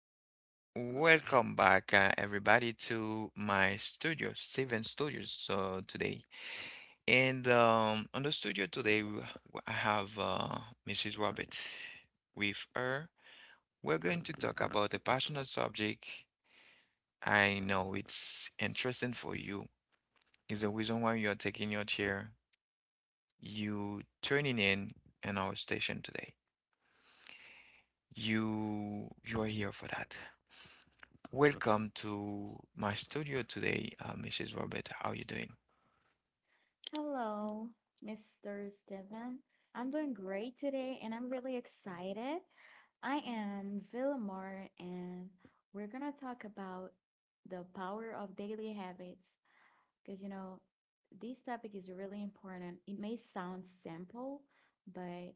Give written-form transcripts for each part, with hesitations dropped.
all right. Welcome back, everybody, to my studio, Steven Studios, so today. And on the studio today, I have Mrs. Robert. With her, we're going to talk about a passionate subject. I know it's interesting for you. It's the reason why you're taking your chair, you turning in our station today. You are here for that. Welcome to my studio today, Mrs. Robert. How are you doing? Hello, Mr. Steven. I'm doing great today and I'm really excited. I am Villamor and we're gonna talk about the power of daily habits because this topic is really important. It may sound simple, but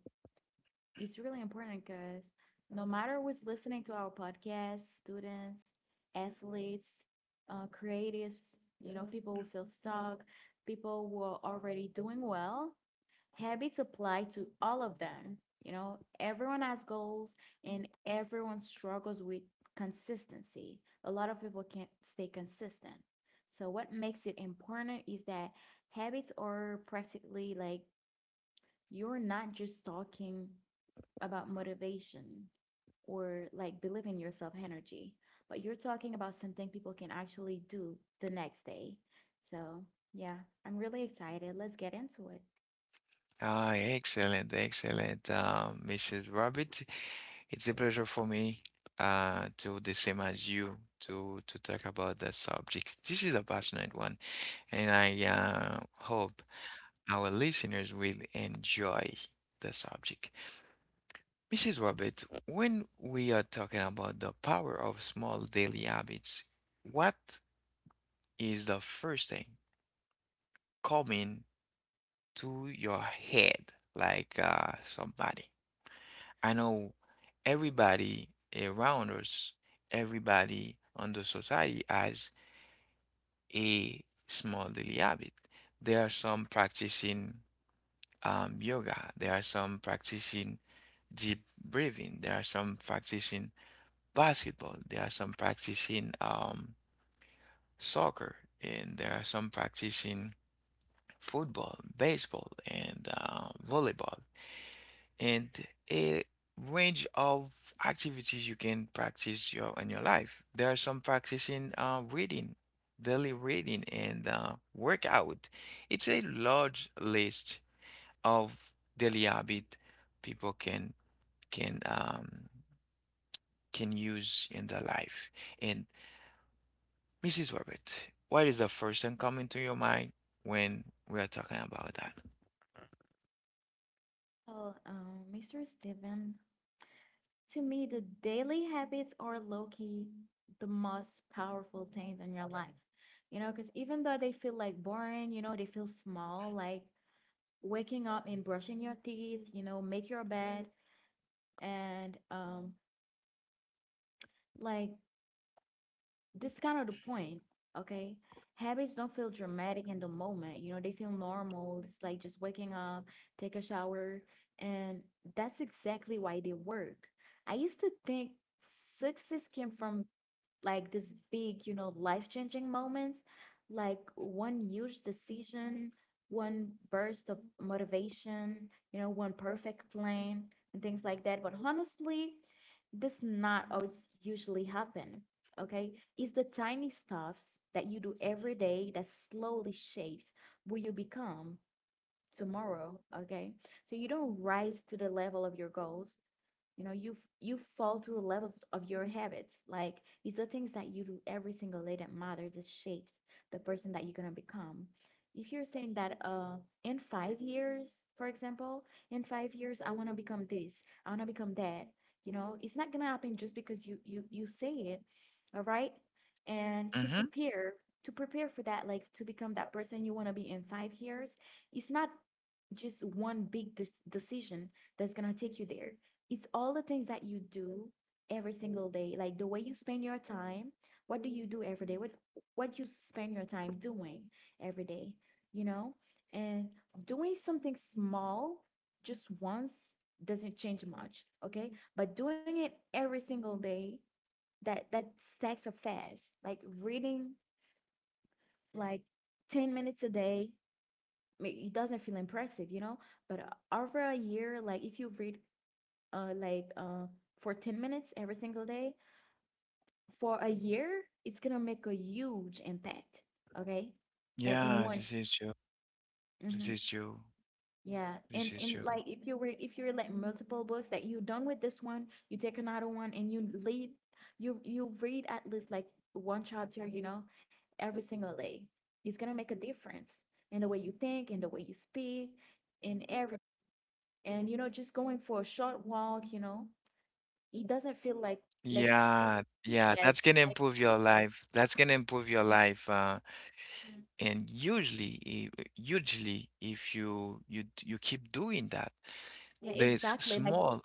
it's really important because no matter who's listening to our podcast, students, athletes, creatives, people who feel stuck, people who are already doing well, habits apply to all of them. Everyone has goals and everyone struggles with consistency. A lot of people can't stay consistent. So, what makes it important is that habits are practically like you're not just talking about motivation or like believe in yourself energy, but you're talking about something people can actually do the next day. So, yeah, I'm really excited. Let's get into it. Ah, excellent, excellent, Mrs. Robert. It's a pleasure for me to the same as you to talk about the subject. This is a passionate one. And I hope our listeners will enjoy the subject. Mrs. Robert, when we are talking about the power of small daily habits, what is the first thing coming to your head? Like somebody, I know everybody around us, everybody on the society has a small daily habit. There are some practicing. Yoga. There are some practicing deep breathing. There are some practicing basketball. There are some practicing soccer. And there are some practicing football, baseball, and volleyball. And a range of activities you can practice your in your life. There are some practicing reading, daily reading, and workout. It's a large list of daily habit people can um, can use in their life. And Mrs. Robert, what is the first thing coming to your mind when we are talking about that? Well, Mr. Steven, to me, the daily habits are low key the most powerful things in your life. Because even though they feel like boring, they feel small, like waking up and brushing your teeth, make your bed and like this kind of the point, okay? Habits don't feel dramatic in the moment. They feel normal. It's like just waking up, take a shower, and that's exactly why they work. I used to think success came from like this big, life-changing moments, like one huge decision, one burst of motivation, one perfect plan and things like that. But honestly, this not always usually happen. Okay, it's the tiny stuffs that you do every day that slowly shapes who you become tomorrow. Okay, so you don't rise to the level of your goals, you know you you fall to the levels of your habits. Like these are things that you do every single day that matters. It shapes the person that you're going to become. If you're saying that in 5 years, for example, in 5 years I want to become this, I want to become that, you know it's not going to happen just because you say it, all right. And to Mm-hmm. prepare for that, like to become that person you want to be in 5 years, it's not just one big decision that's going to take you there. It's all the things that you do every single day, like the way you spend your time. What do you do every day? What you spend your time doing every day, you know? And doing something small just once doesn't change much, okay? But doing it every single day, that stacks up fast. Like reading like 10 minutes a day, it doesn't feel impressive, you know? But over a year, like if you read like for 10 minutes every single day for a year, it's gonna make a huge impact. Okay, like in Yeah, one. this is true. This Mm-hmm. is true. Yeah, and This is and true. like if you were like multiple books that you done with this one, you take another one and you read at least like one chapter, every single day. It's gonna make a difference in the way you think, in the way you speak, in every and you know just going for a short walk, it doesn't feel like like Yeah, yeah, yes, that's gonna like, improve your life. That's gonna improve your um, life. Mm, And usually, if you you keep doing that, yeah, this exactly. Like, small,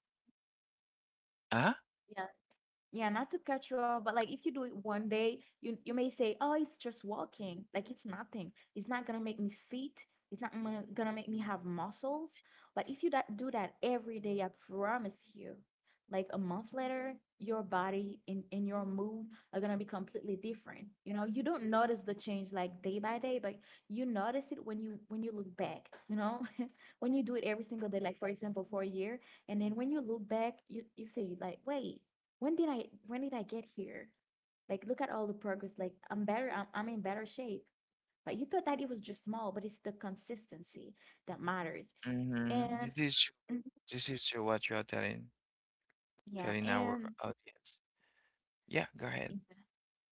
huh? yeah, yeah, not to cut you off, but like if you do it one day, you may say, "Oh, it's just walking. Like it's nothing. It's not gonna make me fit. It's not gonna make me have muscles." But if you that do that every day, I promise you, like a month later, your body and your mood are gonna be completely different. You don't notice the change like day by day, but you notice it when you look back, when you do it every single day, like for example, for a year, and then when you look back, you say like, "Wait." When did I get here? Like look at all the progress. Like I'm better. I'm in better shape. But you thought that it was just small, but it's the consistency that matters. And Hmm. This is true. mm-hmm, This is true what you are telling yeah, telling our and audience. Yeah, go ahead. yeah,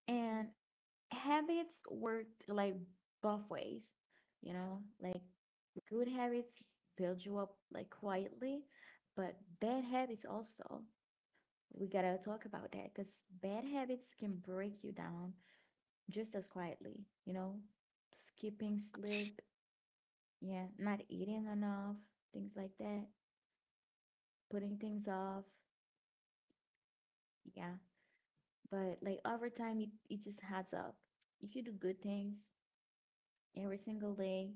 and habits work like both ways. Like good habits build you up like quietly, but bad habits also. We gotta talk about that because bad habits can break you down just as quietly, you know, skipping sleep, yeah, not eating enough, things like that, putting things off, yeah. But like over time, it just adds up. If you do good things every single day,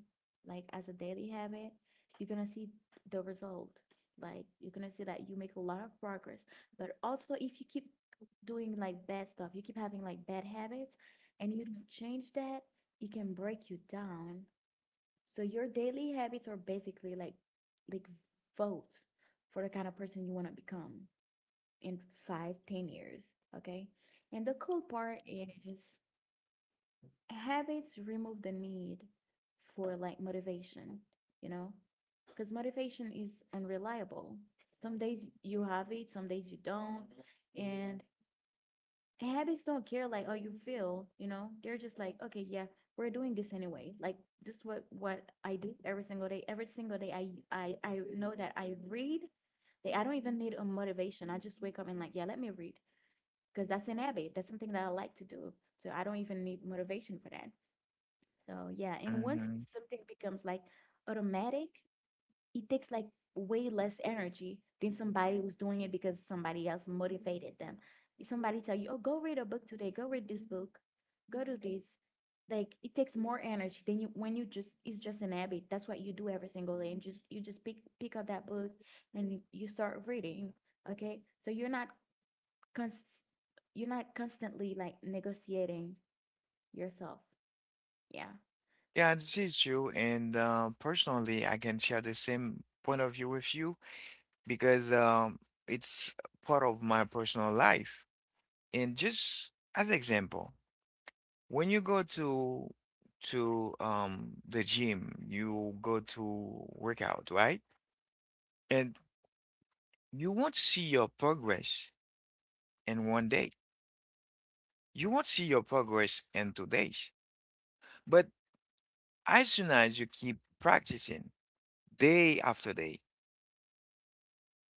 like as a daily habit, you're gonna see the result. Like you're gonna see that you make a lot of progress. But also, if you keep doing like bad stuff, you keep having like bad habits, and you don't change that, it can break you down. So your daily habits are basically like like votes for the kind of person you want to become in 5, 10 years. Okay. And the cool part is habits remove the need for like motivation, you know, because motivation is unreliable. Some days you have it, some days you don't. And habits don't care, like, oh, you feel, they're just like, okay, yeah, we're doing this anyway. Like this is what I do every single day, every single day. I know that I read. They, I don't even need a motivation. I just wake up and like, yeah, let me read, because that's an habit, that's something that I like to do, so I don't even need motivation for that. So yeah, and once Hmm. something becomes like automatic, it takes like way less energy than somebody who's doing it because somebody else motivated them. If somebody tell you, "Oh, go read a book today. Go read this book. Go do this." Like it takes more energy than you when you just it's just an habit. That's what you do every single day, and just you just pick up that book and you start reading. Okay, so you're not const- you're not constantly like negotiating yourself. Yeah, Yeah, this is true. And personally, I can share the same point of view with you because it's part of my personal life. And just as example, when you go to the gym, you go to workout, right? And you won't see your progress in 1 day. You won't see your progress in 2 days. But as soon as you keep practicing day after day,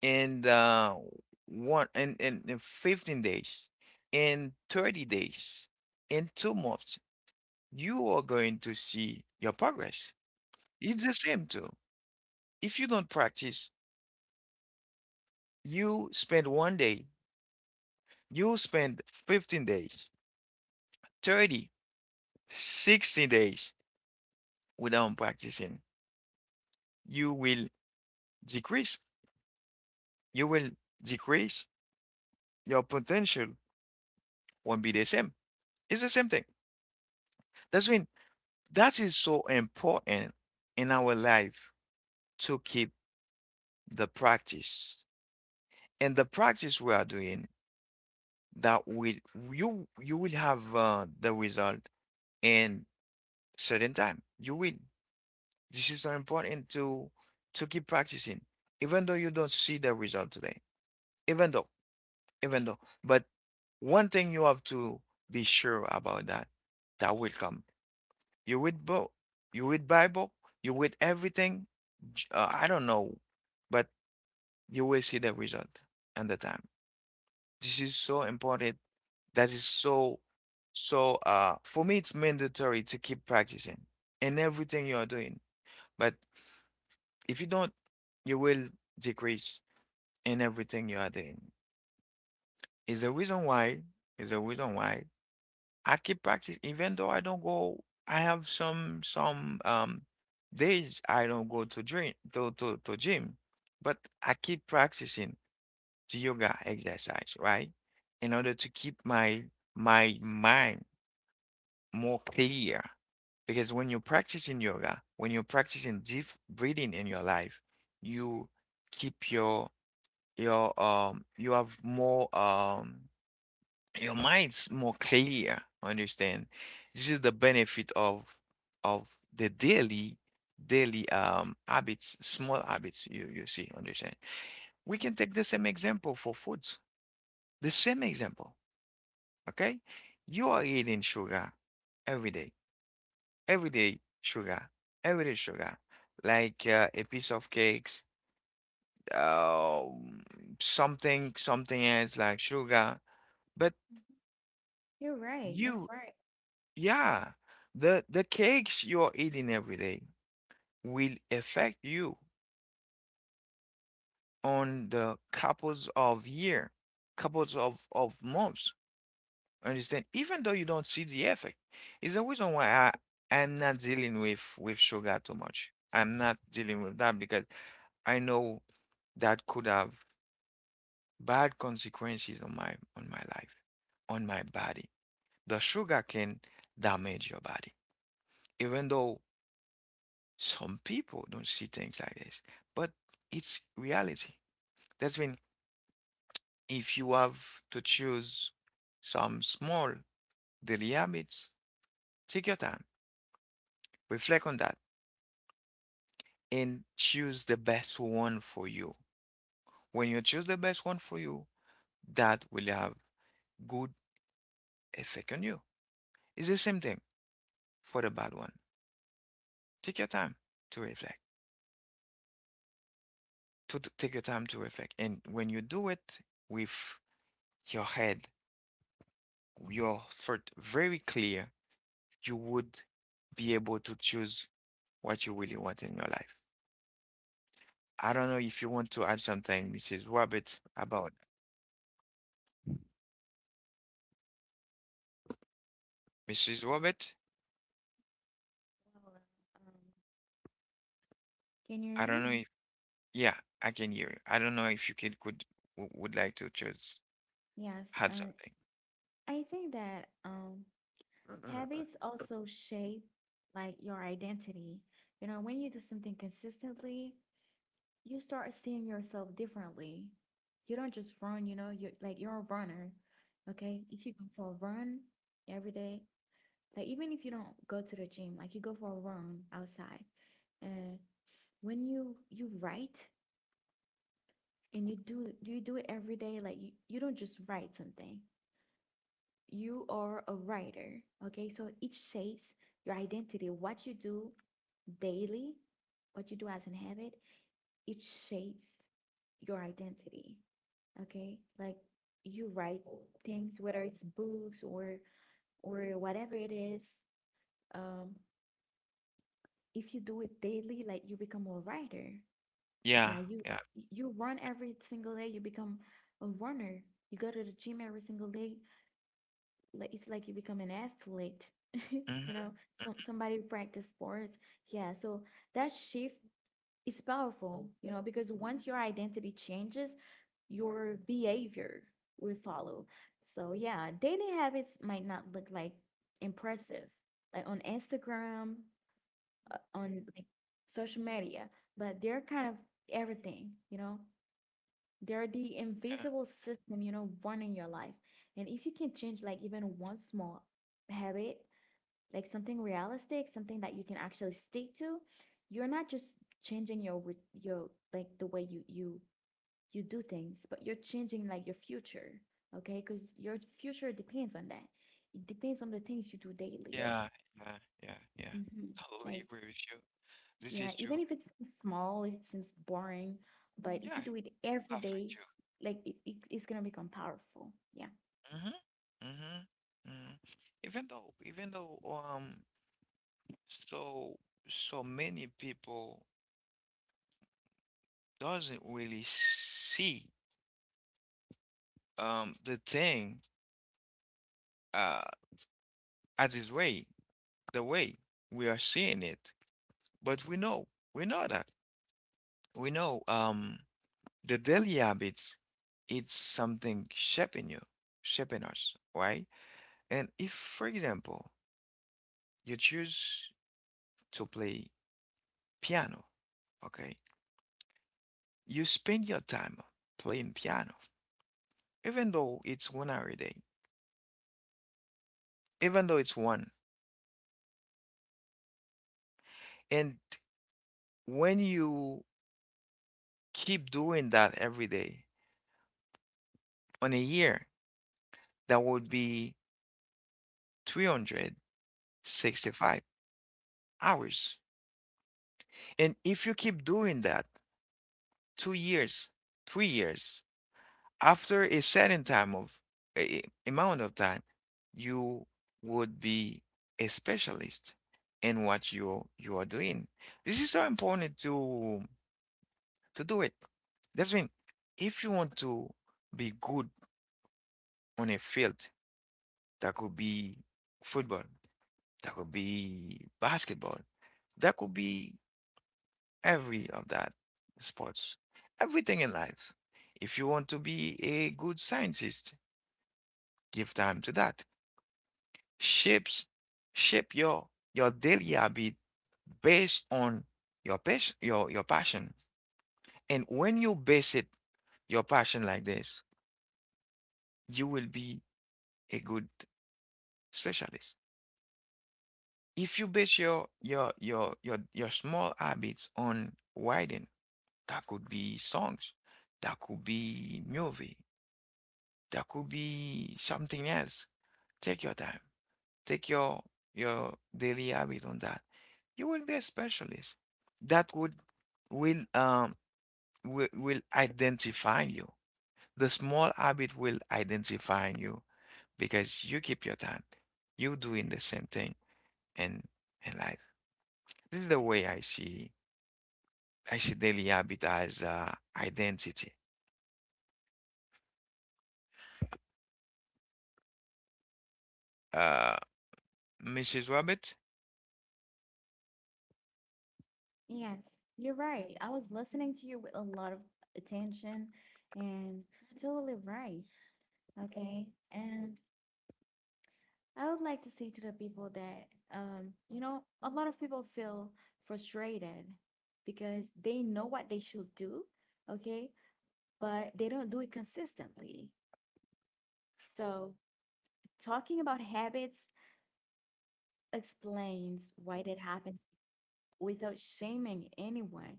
and one and 15 days, in 30 days, in 2 months, you are going to see your progress. It's the same too. If you don't practice, you spend 1 day, you spend 15 days, 30, 60 days without practicing. You will decrease. You will decrease. Your potential won't be the same. It's the same thing. That's mean that is so important in our life to keep the practice. And the practice we are doing, that will you will have the result in certain time. You will. This is so important to keep practicing, even though you don't see the result today. Even though, even though, but one thing you have to be sure about that, that will come. You read book, you read Bible, you read everything. I don't know, but you will see the result and the time. This is so important. That is so so. For me, it's mandatory to keep practicing in everything you are doing. But if you don't, you will decrease in everything you are doing. Is the reason why, is the reason why I keep practice even though I don't go, I have some days I don't go to drink to gym, but I keep practicing the yoga exercise, right? In order to keep my my mind more clear. Because when you're practicing yoga, when you're practicing deep breathing in your life, you keep your your you have more your mind's more clear, understand? This is the benefit of the daily habits, small habits, you see, understand? We can take the same example for foods, the same example. Okay, you are eating sugar every day, every day sugar, every day sugar, like a piece of cakes, um something, something else like sugar, but you're right. That's you, right. yeah, the cakes you are eating every day will affect you on the couples of year, couples of months. Understand? Even though you don't see the effect, is the reason why I I'm not dealing with sugar too much. I'm not dealing with that because I know that could have bad consequences on my life, on my body. The sugar can damage your body, even though some people don't see things like this, but it's reality. That's when if you have to choose some small daily habits, take your time, reflect on that, and choose the best one for you. When you choose the best one for you, that will have good effect on you. It's the same thing for the bad one. Take your time to reflect. To t- take your time to reflect, and when you do it with your head, your thought very clear, you would be able to choose what you really want in your life. I don't know if you want to add something, Mrs. Robert, about Mrs. Robert. Well, can you I hear don't me? know if, yeah, I can hear you. I don't know if you could would like to choose Yes. add something. I think that habits also shape like your identity. When you do something consistently, you start seeing yourself differently. You don't just run, you're like you're a runner. Okay. If you go for a run every day, like even if you don't go to the gym, like you go for a run outside. And when you write and you do it every day, like you don't just write something. You are a writer. Okay, so it shapes your identity. What you do daily, what you do as an habit, it shapes your identity. Okay, like you write things, whether it's books or whatever it is. Um, if you do it daily, like you become a writer. Yeah, Yeah, you yeah. you run every single day. You become a runner. You go to the gym every single day. Like it's like you become an athlete you know Hmm. Somebody who practice sports, yeah. So that shift is powerful, you know, because once your identity changes, your behavior will follow. So yeah, daily habits might not look like impressive like on Instagram, on like social media, but they're kind of everything. They're the invisible system, running your life. And if you can change like even one small habit, like something realistic, something that you can actually stick to, you're not just changing your your like the way you do things, but you're changing like your future, okay? Because your future depends on that. It depends on the things you do daily. Yeah. Yeah, yeah, yeah, yeah, yeah. Hmm. Totally Like agree with you. This yeah, is even true. if it seems small, if it seems boring, but Mhm. if Yeah, you do it I every love day, you. like it's gonna become powerful. Yeah. Mm-hmm. Mm-hmm. Mm-hmm. Even though, so so many people doesn't really see the thing uh as its way, the way we are seeing it. But we know that. We know the daily habits, it's something shaping you, shaping us, right? And if, for example, you choose to play piano, okay, you spend your time playing piano, even though it's 1 hour a day, even though it's one. And when you keep doing that every day on a year, that would be 365 hours. And if you keep doing that 2 years, 3 years, after a certain time of a, amount of time, you would be a specialist in what you are doing. This is so important to do it. That's mean if you want to be good on a field, that could be football. That could be basketball. That could be every of that sports. Everything in life. If you want to be a good scientist, give time to that. Shapes, shape your daily habit based on your passion, your passion. And when you base it, your passion like this, you will be a good specialist. If you base your your small habits on writing, that could be songs, that could be movie, that could be something else. Take your time. Take your daily habit on that. You will be a specialist. That would will um will identify you. The small habit will identify you because you keep your time. You doing the same thing in in life. This is the way I see daily habit as identity. Uh, Mrs. Rabbit, Yes, you're right. I was listening to you with a lot of attention, and you're totally right. Okay. And I would like to say to the people that, a lot of people feel frustrated because they know what they should do, okay, but they don't do it consistently. So, talking about habits explains why that happens without shaming anyone.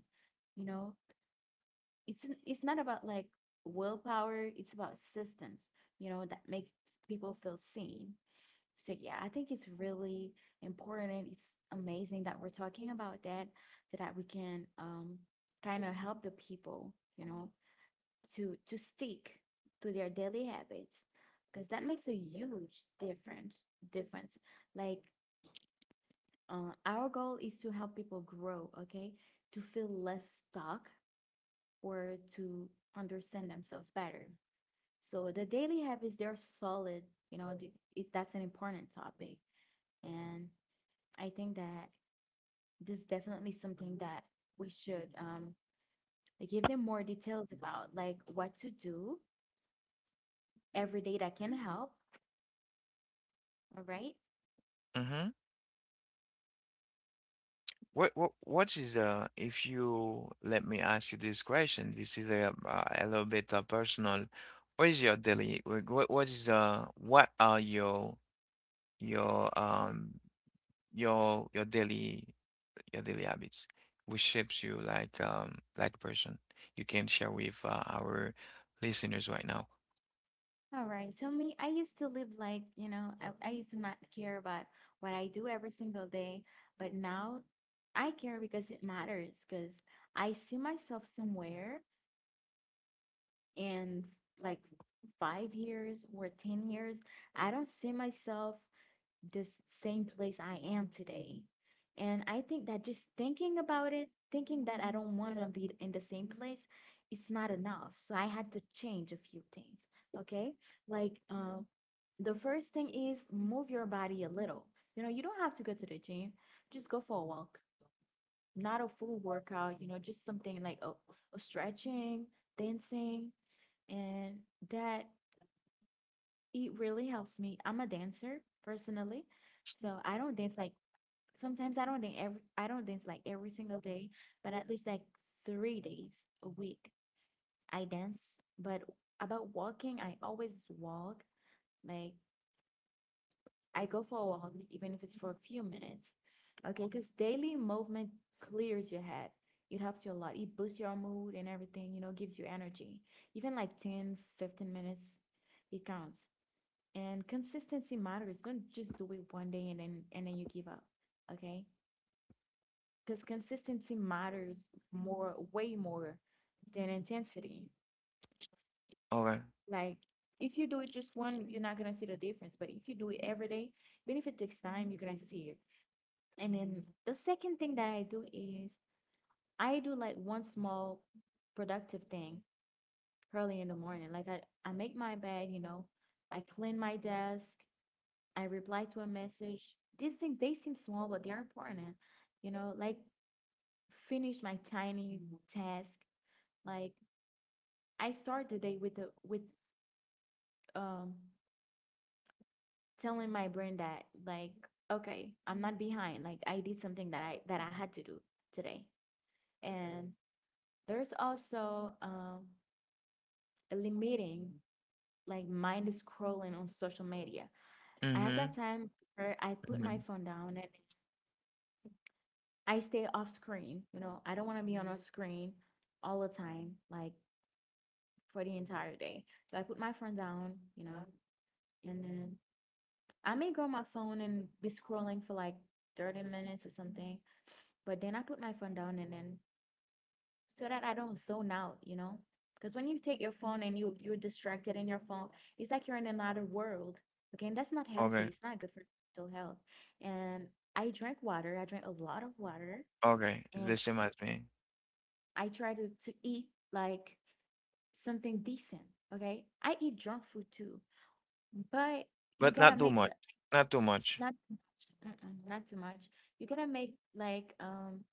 You know, it's not about like willpower, it's about systems, that make people feel seen. So yeah, I think it's really important. It's amazing that we're talking about that so that we can kind of help the people, to stick to their daily habits because that makes a huge difference like our goal is to help people grow, okay? To feel less stuck or to understand themselves better. So the daily habits, they're solid, that's an important topic. And I think that this is definitely something that we should give them more details about, like what to do every day that can help, all right? mm-hmm. What what is if you let me ask you this question, this is a little bit personal. What is your daily like, what is what are your your your your daily your daily habits which shapes you like person you can share with our listeners right now. All right. So me, I used to live like, I used to not care about what I do every single day, but now I care because it matters because I see myself somewhere in like 5 years or 10 years. I don't see myself the same place I am today. And I think that just thinking about it, thinking that I don't want to be in the same place, it's not enough. So I had to change a few things. Okay, like the first thing is move your body a little. You know, you don't have to go to the gym. Just go for a walk. Not a full workout, you know, just something like a stretching, dancing, and that it really helps me. I'm a dancer personally, so I don't dance like sometimes I don't dance like every single day, but at least like 3 days a week I dance. But about walking, I always walk like I go for a walk, even if it's for a few minutes. Okay, because daily movement clears your head. It helps you a lot. It boosts your mood and everything, you know, gives you energy. Even like 10, 15 minutes, it counts. And consistency matters. Don't just do it one day and then you give up. Okay? Because consistency matters more, way more than intensity. Okay. Like if you do it just one, you're not gonna see the difference. But if you do it every day, even if it takes time, you're gonna see it. And then the second thing that I do is I do like one small productive thing early in the morning. Like I make my bed, you know, I clean my desk, I reply to a message. These things they seem small, but they're important. You know, like finish my tiny task. Like I start the day with the with um telling my brain that like okay, I'm not behind. Like I did something that I had to do today. And there's also limiting like mind scrolling on social media. I have Mm-hmm. that time where I put my Mm-hmm. phone down and I stay off screen. You know, I don't want to be on a screen all the time, like for the entire day. So I put my phone down, you know, and then I may go on my phone and be scrolling for like 30 minutes or something. But then I put my phone down and then so that I don't zone out, you know? Because when you take your phone and you're distracted in your phone, it's like you're in another world. Okay, and that's not healthy. Okay. It's not good for mental health. And I drink water. I drink a lot of water, Okay, it's the and same as me, I try to eat like something decent. Okay, I eat junk food too, but you but gotta not too make much, the not too much. not too much. Mm-mm, not too much. You gotta make like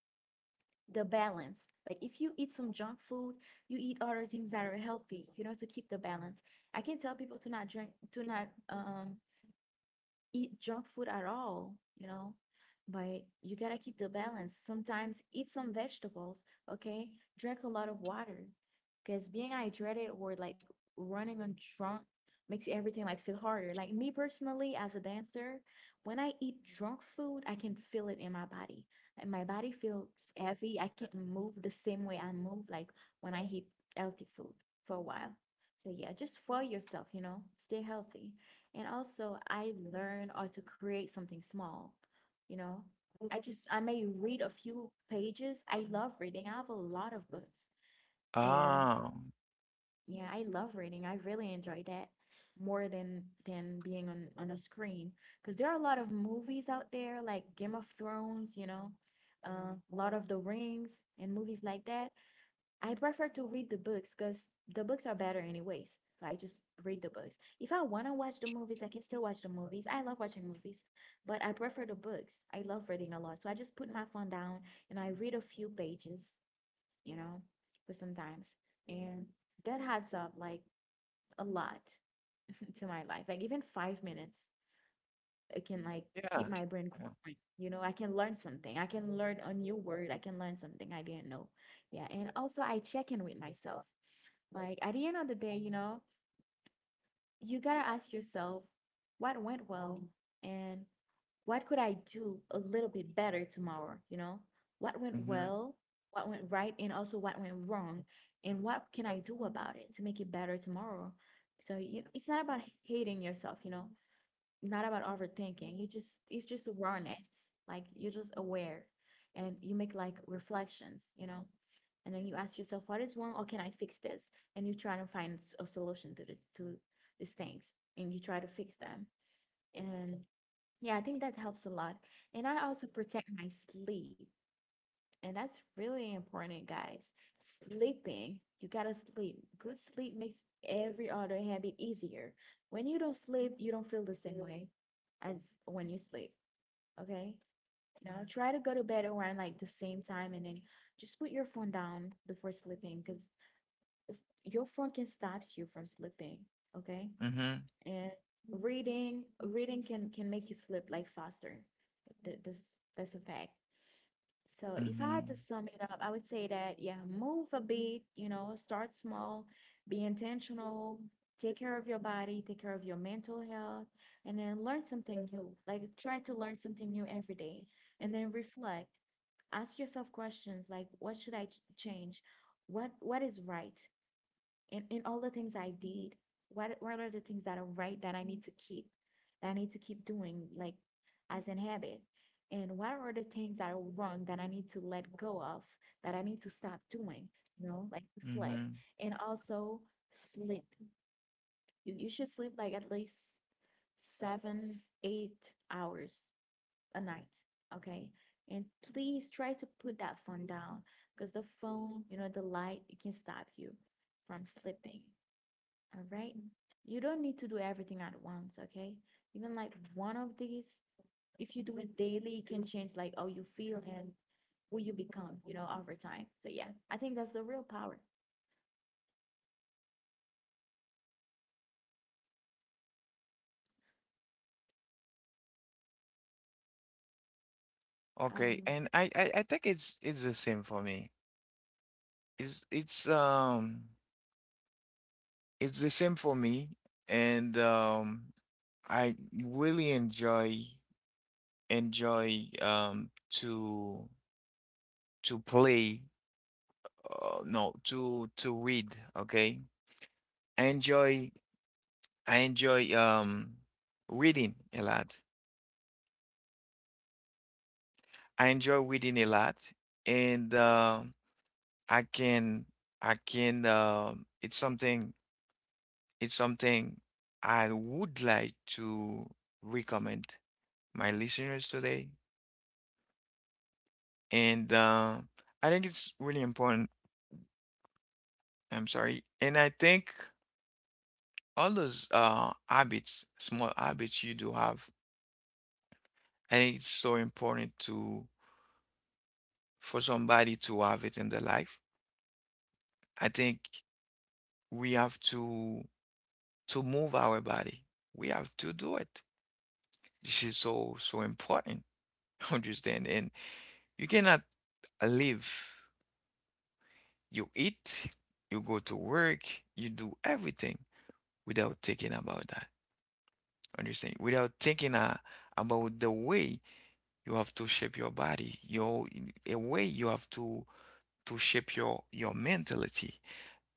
the balance. Like if you eat some junk food, you eat other things that are healthy, you know, to keep the balance. I can tell people to not drink, to not eat junk food at all, you know, but you gotta keep the balance. Sometimes eat some vegetables, okay? Drink a lot of water because being hydrated or like running on drunk makes everything like feel harder. Like me personally, as a dancer, when I eat drunk food, I can feel it in my body. Like my body feels heavy. I can't move the same way I move like when I eat healthy food for a while. So yeah, just for yourself, you know, stay healthy. And also, I learn how to create something small. You know, I may read a few pages. I love reading. I have a lot of books. And Ah, yeah, I love reading. I really enjoy that more than being on a screen because there are a lot of movies out there like Game of Thrones, you know, Lord of the Rings and movies like that. I prefer to read the books because the books are better anyways. So I just read the books. If I want to watch the movies, I can still watch the movies. I love watching movies, but I prefer the books. I love reading a lot. So I just put my phone down and I read a few pages, you know, for sometimes. And that adds up like a lot to my life. Like even 5 minutes, it can like keep yeah, my brain yeah. growing. You know, I can learn something. I can learn a new word. I can learn something I didn't know. Yeah. And also I check in with myself like at the end of the day, you know, you gotta ask yourself what went well and what could I do a little bit better tomorrow, you know? What went Mm-hmm, well, what went right, and also what went wrong, and what can I do about it to make it better tomorrow? So it's not about hating yourself, not about overthinking. You just it's just awareness. Like you're just aware and you make like reflections, you know. And then you ask yourself, what is wrong? Or can I fix this? And you try to find a solution to these things and you try to fix them. And yeah, I think that helps a lot. And I also protect my sleep. And that's really important, guys. Sleeping, you gotta sleep. Good sleep makes every other habit easier. When you don't sleep, you don't feel the same way as when you sleep, okay? You know, try to go to bed around like the same time and then just put your phone down before sleeping because your phone can stop you from sleeping, okay? mm-hmm, And reading can make you sleep like faster. Th- this, that's a fact. So if I mm-hmm, had to sum it up, I would say that yeah, move a bit, you know, start small, be intentional, take care of your body, take care of your mental health, and then learn something new. Like try to learn something new every day and then reflect. Ask yourself questions like what should I change? What is right? In all the things I did, what are the things that are right that I need to keep, that I need to keep doing, like as an habit? And what are the things that are wrong that I need to let go of, that I need to stop doing? You know, like reflect. mm-hmm. And also sleep. You should sleep like at least 7, 8 hours a night. Okay. And please try to put that phone down because the phone, you know, the light, it can stop you from sleeping. All right. You don't need to do everything at once, okay? Even like one of these, if you do it daily, you can change like how you feel and who you become, you know, over time. So yeah, I think that's the real power. Okay, Um, and I think it's the same for me. It's it's the same for me, and I really enjoy um to to play, no, to read. Okay, I enjoy. I enjoy reading a lot. I enjoy reading a lot, and I can it's something I would like to recommend my listeners today, and I think it's really important. I'm sorry, and I think all those habits, small habits you do have, I think it's so important to for somebody to have it in their life. I think we have to move our body. We have to do it. This is so so important. Understand? And you cannot live. You eat, you go to work, you do everything without thinking about that. Understand? Without thinking about the way you have to shape your body, your a way you have to shape your mentality,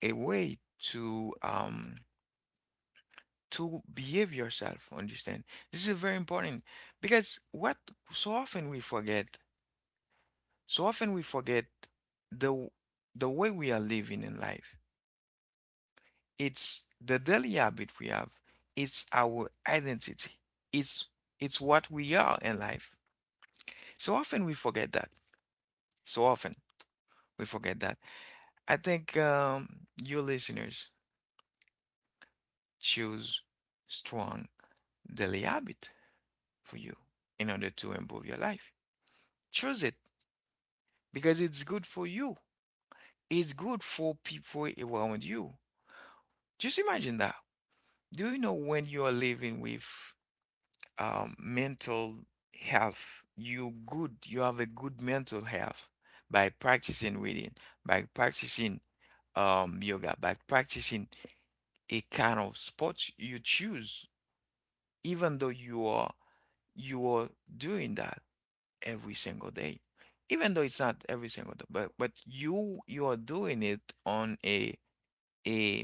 a way to behave yourself, understand? This is very important because what so often we forget, so often we forget the the way we are living in life. It's the daily habit we have. It's our identity. It's it's what we are in life. So often we forget that. So often we forget that. I think your listeners choose strong daily habit for you in order to improve your life. Choose it, because it's good for you. It's good for people around you. Just imagine that. Do you know, when you are living with mental health, you good, you have a good mental health by practicing reading, by practicing yoga, by practicing a kind of sports you choose, even though you are doing that every single day, even though it's not every single day, but but you are doing it on a eh,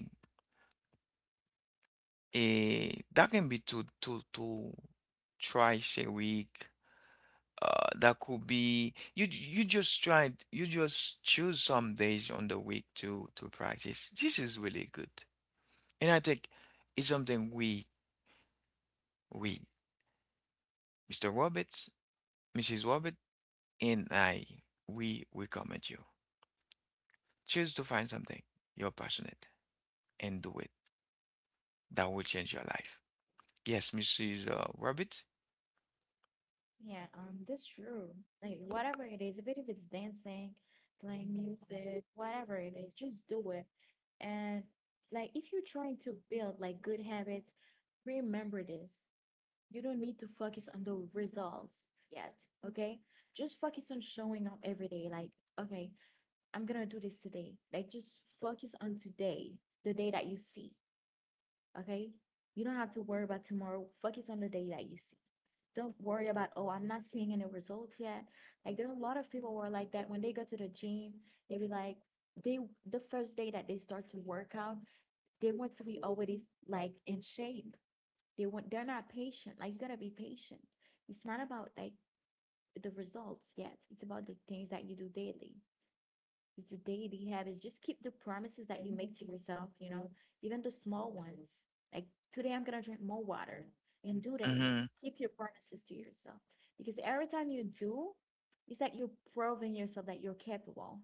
that can be to thrice a week. That could be you. You just try. You just choose some days on the week to practice. This is really good, and I think it's something we Mr. Roberts, Mrs. Robert, and I, we recommend you. Choose to find something you're passionate and do it. That will change your life. Yes, Mrs. Roberts. yeah, that's true. Like whatever it is, even if it's dancing, playing music, whatever it is, just do it. And like if you're trying to build like good habits, remember this. You don't need to focus on the results yet, okay? Just focus on showing up every day. Like, okay, I'm gonna do this today. Like, just focus on today, the day that you see, okay? You don't have to worry about tomorrow. Focus on the day that you see. Don't worry about, oh, I'm not seeing any results yet. Like, there are a lot of people who are like that. When they go to the gym, they be like, they the first day that they start to work out, they want to be already like in shape. they're not patient. Like you gotta be patient. It's not about like the results yet. It's about the things that you do daily. It's the daily habits. Just keep the promises that you make to yourself, you know, even the small ones. Like today I'm gonna drink more water and do that. Mm-hmm. Keep your promises to yourself. Because every time you do, it's like you're proving yourself that you're capable.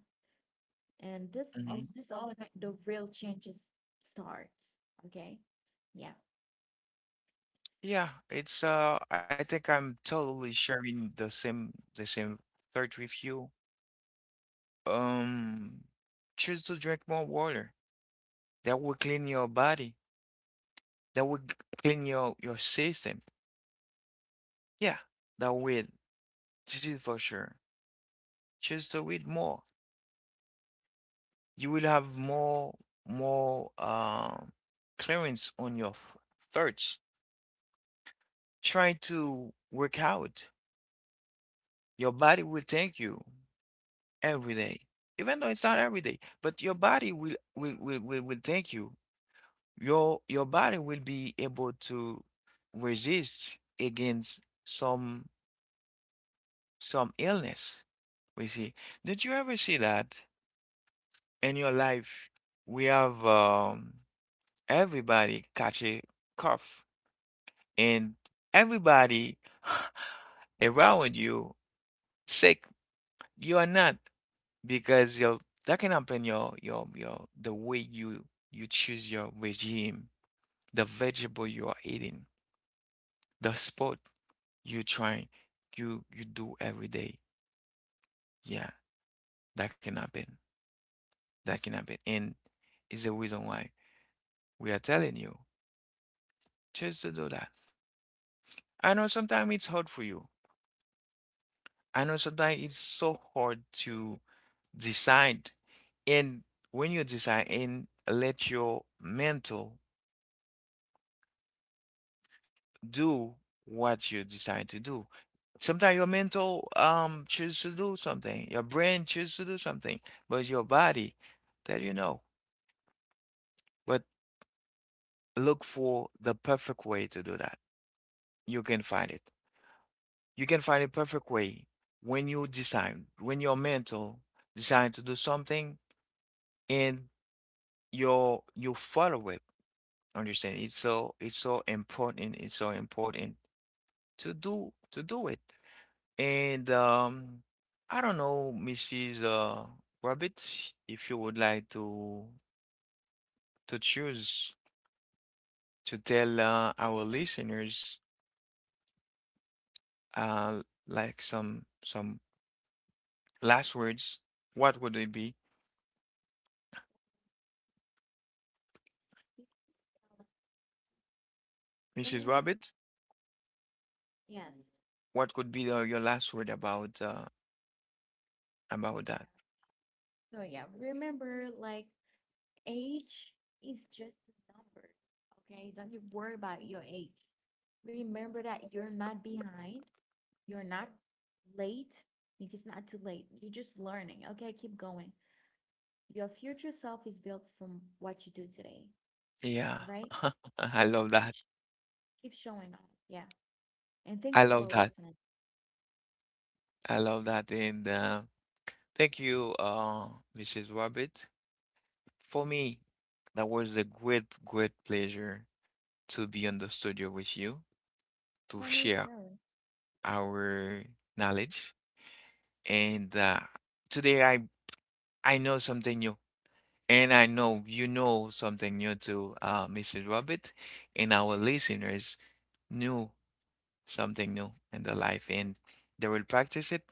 And this all like the real changes starts. Okay. Yeah. Yeah, it's I think I'm totally sharing the same third review. Um Choose to drink more water. That will clean your body. That will g- Clean your system. Yeah, that will. This is for sure. Choose to eat more. You will have more clearance on your thirst. Try to work out. Your body will thank you every day. Even though it's not every day, but your body will thank you. Your body will be able to resist against some illness. We see. Did you ever see that in your life? We have, everybody catch a cough, and everybody around you sick. You are not. Because yo That can happen. Your The way you, you choose your regime, the vegetable you are eating, the sport you try, you do every day, yeah, that can happen. That can happen, and is the reason why we are telling you just to do that. I know sometimes it's hard for you, I know sometimes it's so hard to decide, and when you decide and let your mental do what you decide to do. Sometimes your mental choose to do something, your brain choose to do something, but your body tell you no. But look for the perfect way to do that. You can find it. You can find a perfect way when you decide, when your mental decide to do something, and your, you follow it. Understand? It's so important. It's so important to do it. And I don't know, Mrs. Rabbit, if you would like to choose to tell our listeners, uh, like some last words, what would it be? Can you Mrs. hear me? Rabbit, Yes. what could be your last word about Yeah. that? So yeah, remember like age is just a number. Okay? Don't you worry about your age. Remember that you're not behind, you're not late. It is not too late. You're just learning. Okay, keep going. Your future self is built from what you do today. Yeah, All right? I So love keep that. sh- keep showing up. Yeah. And thank I you for love that. listening. I love that. And thank you, Mrs. Rabbit. For me, that was a great, great pleasure to be on the studio with you to For me share too. our knowledge. And today I know something new, and I know you know something new too, Mr. Robert, and our listeners knew something new in their life, and they will practice it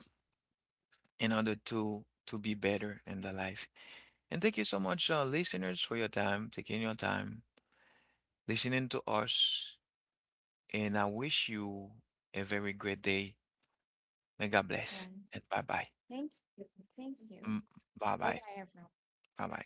in order to be better in their life. And thank you so much, listeners, for your time, taking your time, listening to us. And I wish you a very great day. May God bless Yeah. and bye bye. Thank you. Thank you. 嗯，拜 Bye 拜，bye everyone. 拜拜。